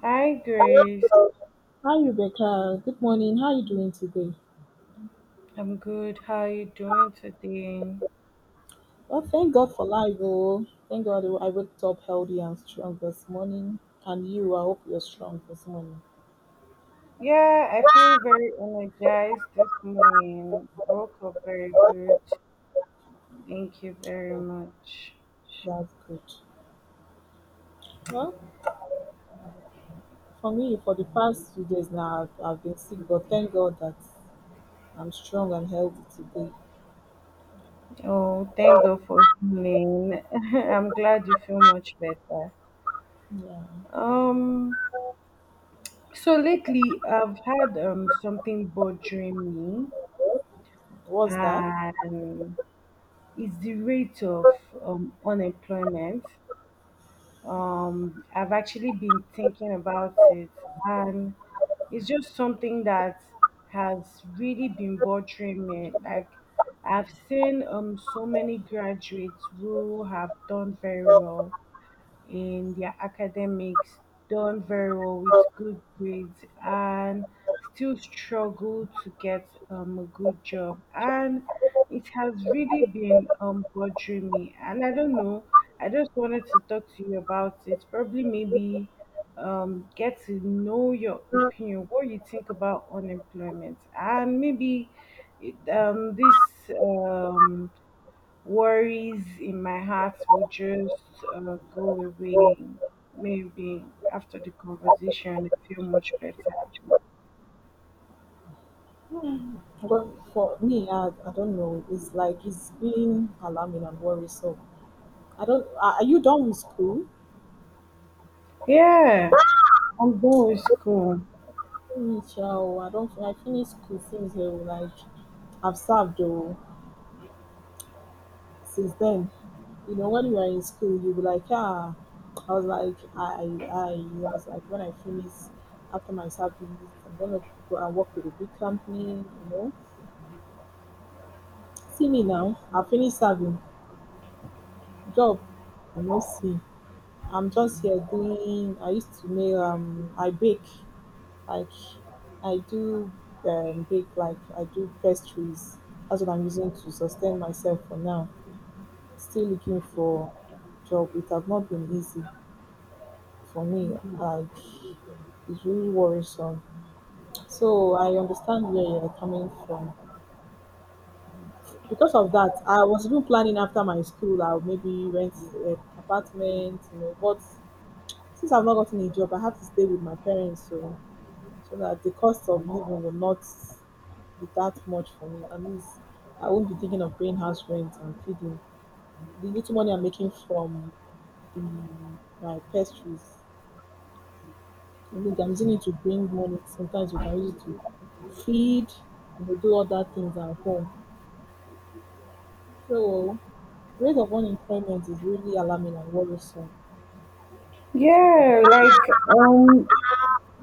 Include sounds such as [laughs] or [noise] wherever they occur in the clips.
Hi, Grace. Hi Rebecca, good morning. How are you doing today? I'm good. How are you doing today? Well, thank God for life, oh. Thank God I woke up healthy and strong this morning. And you, I hope you're strong this morning. Yeah, I feel very energized this morning. I woke up very good. Thank you very much. That's good. Well, for me, for the past few days now, I've been sick, but thank God that I'm strong and healthy today. Oh, thank God for healing. [laughs] I'm glad you feel much better. Yeah. Um, so lately I've had something bothering me, What's that? and it's the rate of unemployment. I've actually been thinking about it, and it's just something that has really been bothering me. Like, I've seen so many graduates who have done very well in their academics, done very well with good grades, and still struggle to get a good job. And it has really been bothering me. And I don't know, I just wanted to talk to you about it. Probably, maybe get to know your opinion, what you think about unemployment, and maybe it, this. Um, worries in my heart will just go away maybe after the conversation I feel much better. Well, for me, I don't know. It's like it's been alarming and worrisome. I don't. Are you done with school? Yeah, I'm done with school. Me sha I don't I finish school since oo, like I've served oo since then. You know, when you are in school you be like ah, I was like when I finish after my service I'm gonna go and work with a big company, you know. See me now, I finished serving, job I no see. I'm just here doing I used to make I bake. Like I do bake, like I do pastries. That's what I'm using to sustain myself for now. Still looking for job. It have not been easy for me. Like it's really worrisome. So I understand where you're coming from. Because of that, I was even planning after my school, I'll maybe rent an apartment, you know. But since I've not gotten a job, I have to stay with my parents. So that the cost of living will not be that much for me. At least I won't be thinking of paying house rent and feeding. The little money I'm making from the my pastries, I mean, I'm using it to bring money. Sometimes we can use it to feed, you know, do other things at home. So rate of unemployment is really alarming and worrisome. So Yeah.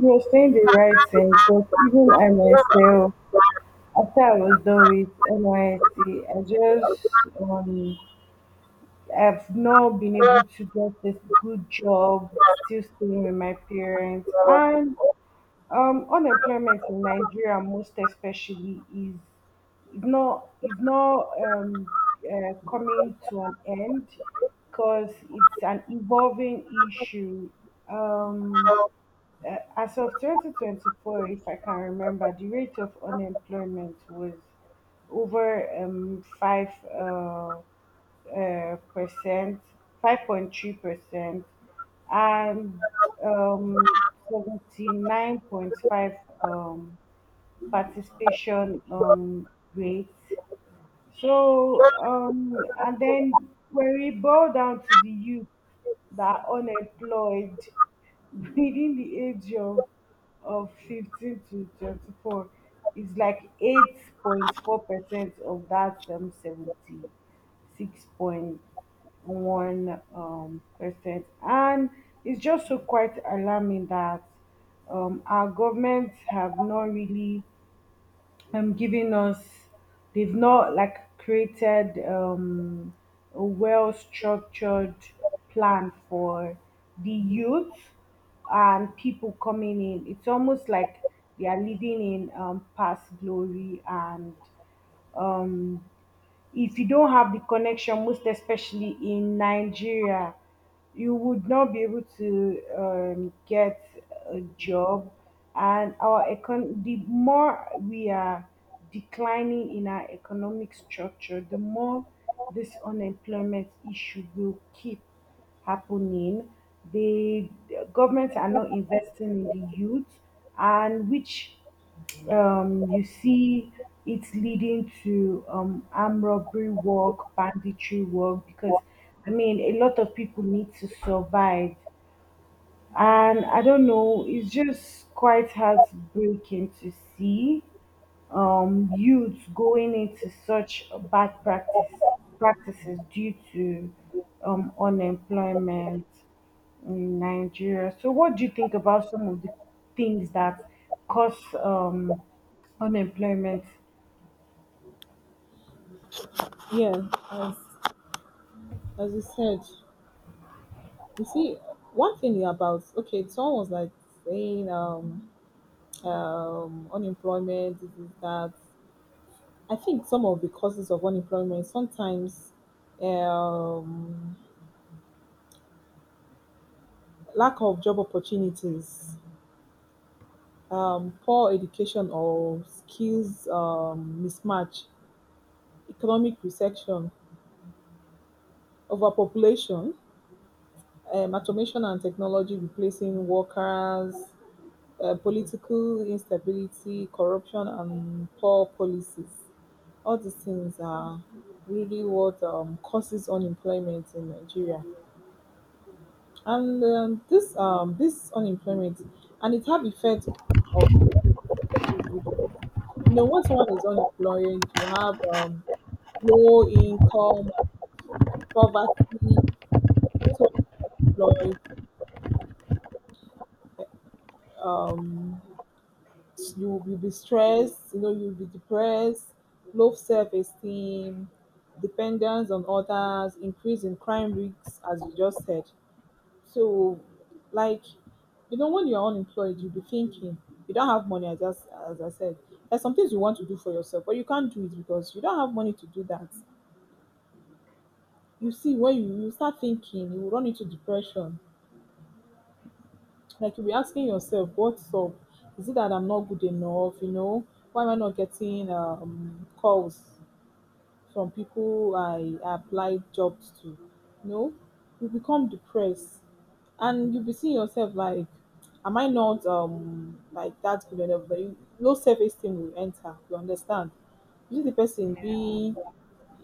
You're saying the right thing because even I myself, after I was done with NYSC, I just I've not been able to get a good job, still staying with my parents. uh, And unemployment in Nigeria most especially is not coming to an end because it's an evolving issue. Um uh, as of 2024, if I can remember, the rate of unemployment was over 5 percent, 5.3 percent, and um, 79.5 participation rate. So, and then when we boil down to the youth that are unemployed [laughs] within the age of 15 to 24, it's like 8.4% of that 76.1 percent. And it's just so quite alarming that our governments have not really giving us, they've not like created a well structured plan for the youth and people coming in. It's almost like they are living in past glory. And um, if you don't have the connection, most especially in Nigeria, you would not be able to get a job. And our the more we are declining in our economic structure, the more this unemployment issue will keep happening. The governments are not investing in the youth, and which, you see it leading to armed robbery work, banditry work, because I mean, a lot of people need to survive. And I don't know, it's just quite heartbreaking to see youths going into such a bad practice practices due to unemployment in Nigeria. So, what do you think about some of the things that cause unemployment? yeah, as you said. You see, one thing about okay, someone was like saying unemployment, this is that. I think some of the causes of unemployment sometimes um lack of job opportunities, poor education or skills mismatch, economic recession, overpopulation, automation and technology replacing workers, political instability, corruption and poor policies. All these things are really what causes unemployment in Nigeria. And this unemployment and it have effect of, you know, when someone is unemployed, you have low income, poverty, like um, you will be stressed. You know you will be depressed, low self esteem, dependence on others, increase in crime risks, as you just said. So, like, you know, when you're unemployed, you'll be thinking, you don't have money, as I said. There's some things you want to do for yourself, but you can't do it because you don't have money to do that. You see, when you start thinking, you will run into depression. Like, you'll be asking yourself, what's up? Is it that I'm not good enough? You know, why am I not getting calls? From people I applied jobs to. You know, you become depressed and you'll be seeing yourself like, am I not like that good enough? But low self esteem will enter. You understand? You see the person Yeah, being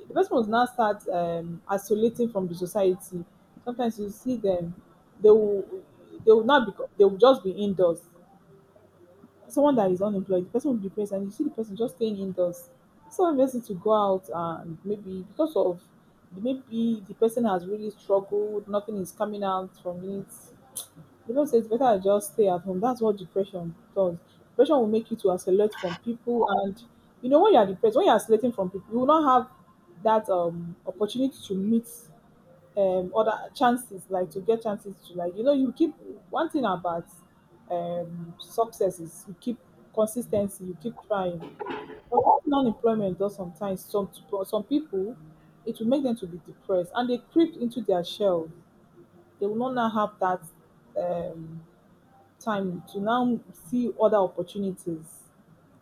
the person must now start isolating from the society. Sometimes you see them, they will they will not be they will just be indoors, someone that is unemployed, the person will be depressed, and you see the person just staying indoors. So the person to go out and maybe because of maybe the person has really struggled, nothing is coming out from it. You know, say it's better I just stay at home. That's what depression does. Depression will make you to isolate from people, and you know when you are depressed, when you are isolating from people, you will not have that opportunity to meet other chances, like to get chances to, like, you know, you keep one thing about success is you keep consistency, you keep trying, but what non-employment does sometimes some people, it will make them to be depressed and they creep into their shell. They will not now have that um time to now see other opportunities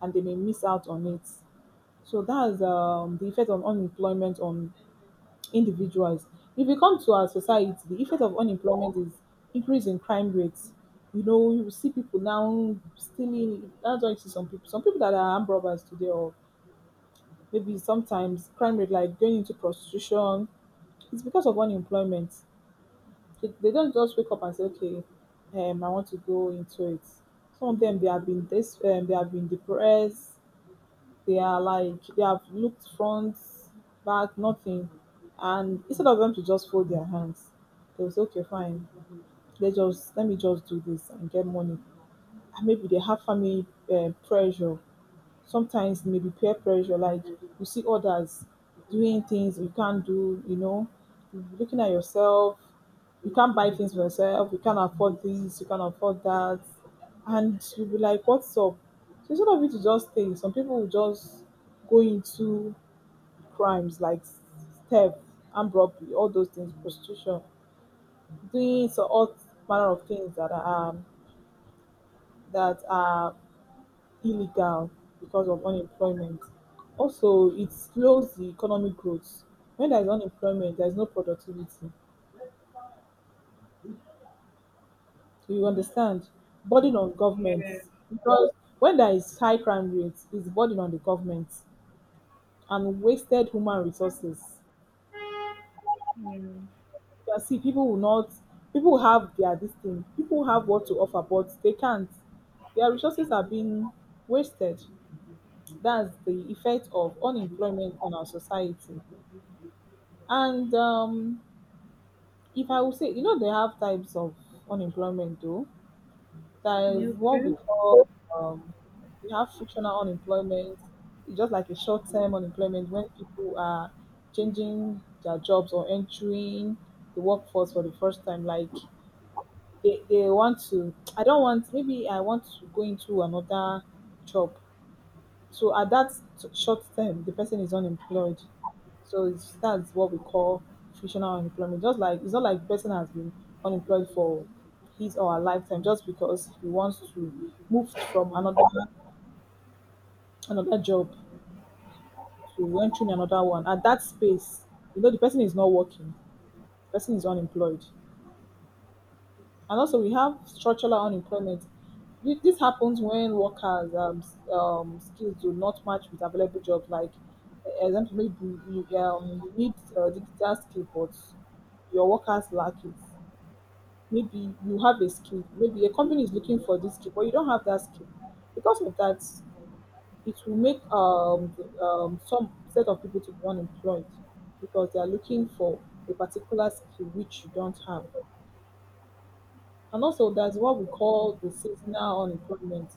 and they may miss out on it. So that's the effect on unemployment on individuals. If we come to our society, the effect of unemployment is increase in crime rates. You know, you will see people now stealing. That's why you see some people that are armed robbers today, or maybe sometimes crime rate like going into prostitution. It's because of unemployment. They don't just wake up and say, okay, I want to go into it. Some of them, they have been this, they have been depressed. They are like they have looked front, back, nothing. And instead of them to just fold their hands, they will say, okay, fine. Let me just do this and get money. And maybe they have family pressure. Sometimes it may be peer pressure, like you see others doing things you can't do, you know, looking at yourself, you can't buy things for yourself, you can't afford this, you can't afford that, and you'll be like, what's up? So instead of you to just stay, some people will just go into crimes like theft, armed robbery, all those things, prostitution, doing so all manner of things that are illegal because of unemployment. Also, it slows the economic growth. When there is unemployment, there is no productivity. You understand? Burden on yeah, governments because when there is high crime rates, it's burden on the government and wasted human resources. yeah. You can see people will not, people have their this thing, people have what to offer, but they can't. Their resources are being wasted. That's the effect of unemployment on our society. And If I would say, you know, they have types of unemployment though. There is You what we okay? call, um, we have frictional unemployment. It's just like a short term unemployment when people are changing their jobs or entering the workforce for the first time. Like they want to, I don't want, maybe I want to go into another job. So at that short term, the person is unemployed. So it's, that's what we call frictional unemployment. Just like it's not like the person has been unemployed for his or her lifetime just because he wants to move from another job to entering another one. At that space, you know, the person is not working. The person is unemployed. And also, we have structural unemployment. This happens when workers' skills do not match with available jobs. Like, example, maybe you need digital skill, but your workers lack it. Maybe you have a skill. Maybe a company is looking for this skill, but you don't have that skill. Because of that, it will make some set of people to be unemployed because they are looking for a particular skill which you don't have. And also, there's what we call the seasonal unemployment.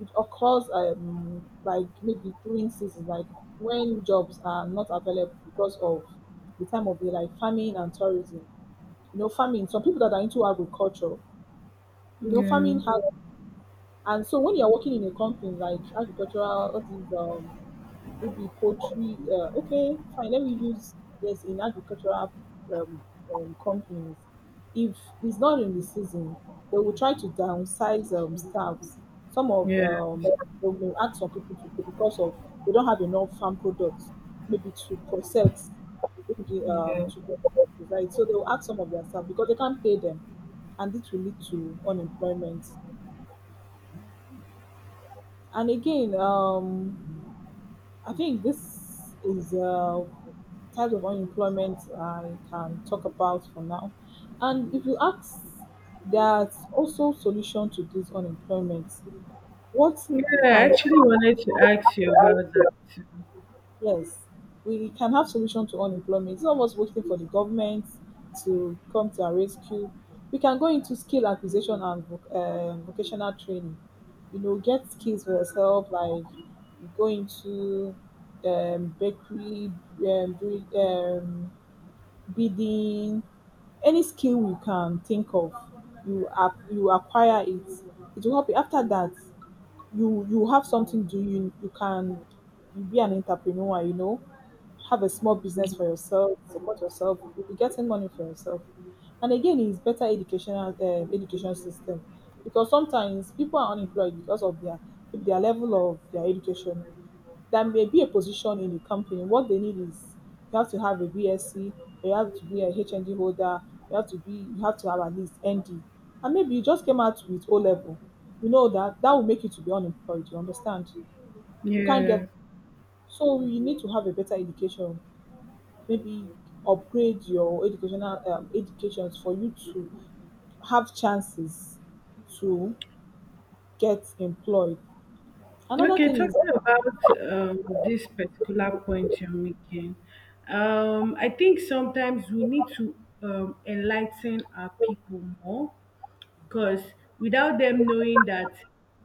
It occurs like maybe during seasons, like when jobs are not available because of the time of year, like farming and tourism. You know, farming, some people that are into agriculture, you know, Yeah, farming has, and so when you're working in a company like agricultural, what is, maybe poultry. Okay, fine. Let me use yes in agricultural um, companies. If it's not in the season, they will try to downsize staffs. Some of yeah, they will ask some people to go because of they don't have enough farm products, maybe to process, maybe yeah. To provide. So they will ask some of their staff because they can't pay them, and this will lead to unemployment. And again, I think this is types of unemployment I can talk about for now. And if you ask, there's also solution to this unemployment. What Yeah, I can actually wanted to ask you about that. Yes, we can have solution to unemployment. It's not us waiting for the government to come to our rescue. We can go into skill acquisition and vocational training. You know, get skills for yourself, like go into bakery, do, bidding, any skill you can think of, you acquire it. It will help you. After that, you have something to do. You can you be an entrepreneur. You know, have a small business for yourself, support yourself. You'll be getting money for yourself. And again, it's better education system because sometimes people are unemployed because of their level of their education. There may be a position in the company. What they need is you have to have a BSc, you have to be a HND holder, you have to have at least ND. And maybe you just came out with O level. You know that will make you to be unemployed, you understand? You can't get, Yeah. so you need to have a better education, maybe upgrade your educational educations for you to have chances to get employed. Another Okay, thing is talking about this particular point you're making, I think sometimes we need to enlighten our people more, because without them knowing that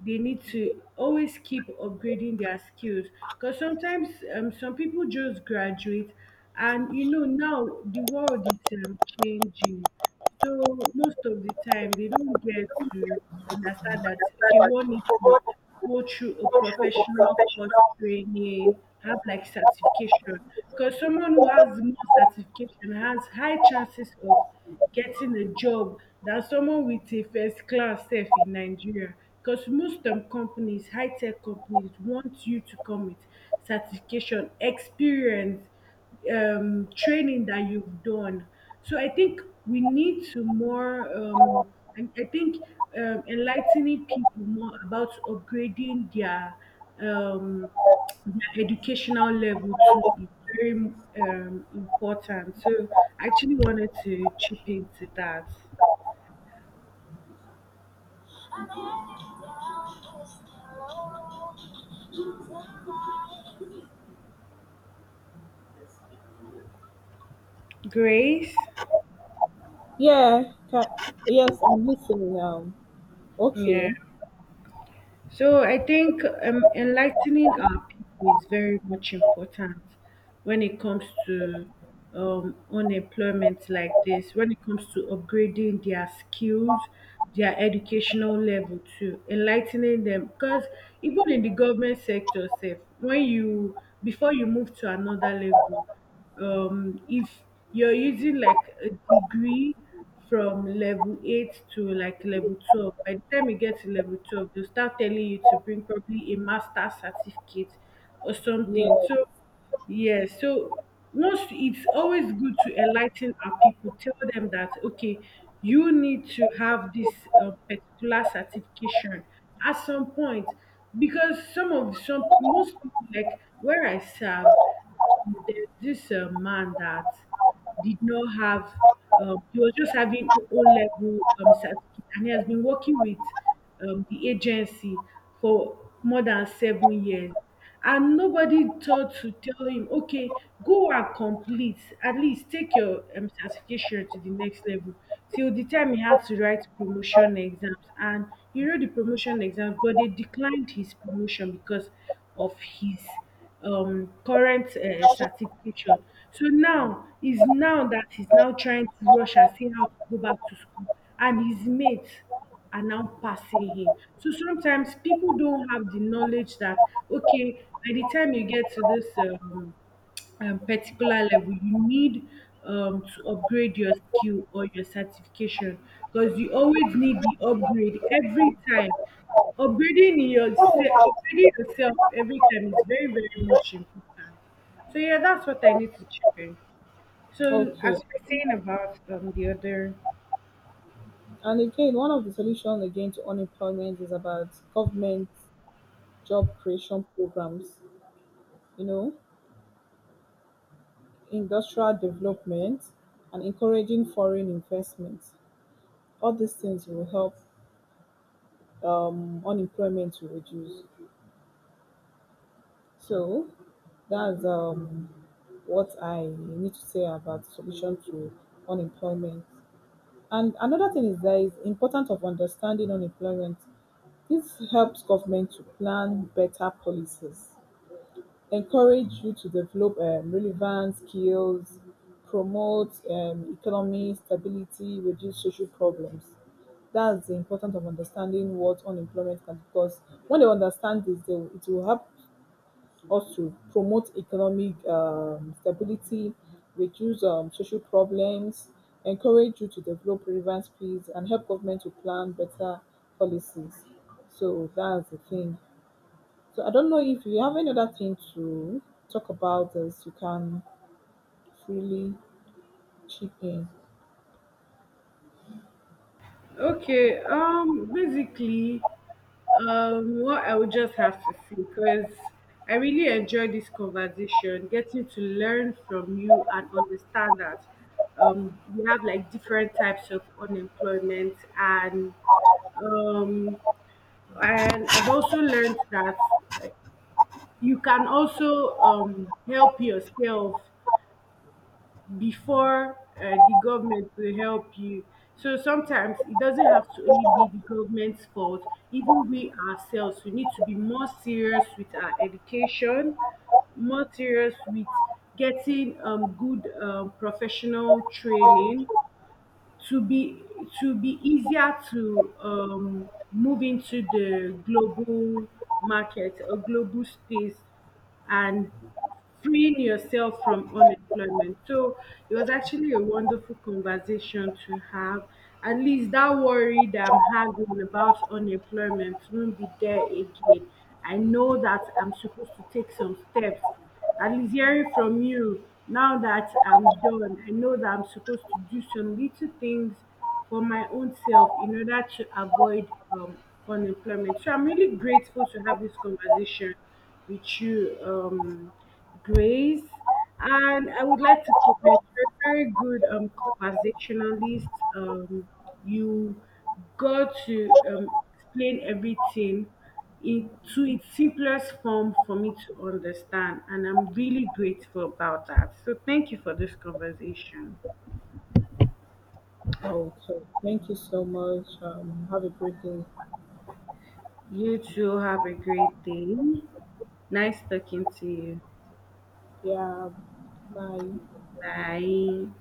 they need to always keep upgrading their skills. Because sometimes some people just graduate, and you know now the world is changing, so most of the time they don't get to understand that okay, one needs to go through a virtue of professional course professional. training, have like certification. Because someone who has more certification has high chances of getting a job than someone with a first class sef in Nigeria. Because most companies, high tech companies, want you to come with certification, experience, training that you've done. So I think we need to more, and I think enlightening people more about upgrading um, their educational level too is very important. So I actually wanted to chip into that. Grace, Yeah. Yes, I'm listening now. yeah. Okay. So I think enlightening our people is very much important when it comes to unemployment like this, when it comes to upgrading their skills, their educational level too, enlightening them. Because even in the government sector, sef, when you, before you move to another level, if you're using like a degree from level 8 to like level 12, by the time you get to level 12 they'll start telling you to bring probably a master certificate or Yeah. something. So yeah. So once, it's always good to enlighten our people, tell them that okay, you need to have this particular certification at some point. Because some of some most people, like where I serve, there's this man that did not have, he was just having O level certificate, and he has been working with the agency for more than 7 years, and nobody thought to tell him okay, go and complete, at least take your certification to the next level. Till the time he had to write promotion exams, and he wrote the promotion exams but they declined his promotion because of his current certification. So now is now that he's now trying to rush and see how to go back to school, and his mates are now passing him. So sometimes people don't have the knowledge that okay, by the time you get to this particular level, you need to upgrade your skill or your certification, because you always need the upgrade every time. Upgrading yourself every time is very, very much important. So yeah, that's what I need to chip in. So as Okay. we're saying about the other. And again, one of the solutions again to unemployment is about government job creation programs, you know, industrial development and encouraging foreign investment. All these things will help unemployment to reduce. So that's what I need to say about solution to unemployment. And another thing is there is importance of understanding unemployment. This helps government to plan better policies, encourage you to develop relevant skills, promote economy stability, reduce social problems. That's the importance of understanding what unemployment can because when they understand this, it will help also promote economic stability, reduce social problems, encourage you to develop relevant skills, and help government to plan better policies. So that's the thing. So I don't know if you have any other thing to talk about this, you can freely chip in. Okay, basically, what I would just have to say, because I really enjoy this conversation, getting to learn from you and understand that we have like different types of unemployment, um, and I've also learned that you can also help yourself before the government will help you. So sometimes it doesn't have to only be the government's fault. Even we ourselves, we need to be more serious with our education, more serious with getting good professional training, to be, to be easier to move into the global market or global space, and freeing yourself from unemployment. So it was actually a wonderful conversation to have. At least that worry that I'm having about unemployment won't be there again. I know that I'm supposed to take some steps. At least hearing from you now that I'm done, I know that I'm supposed to do some little things for my own self in order to avoid unemployment. So I'm really grateful to have this conversation with you, Grace. And I would like to comment. You're a very good conversationalist. Um, you got to explain everything in, to its simplest form for me to understand. And I'm really grateful about that. So thank you for this conversation. Okay. Thank you so much. Have a great day. You too have a great day. Nice talking to you. Yeah. Bye. Bye.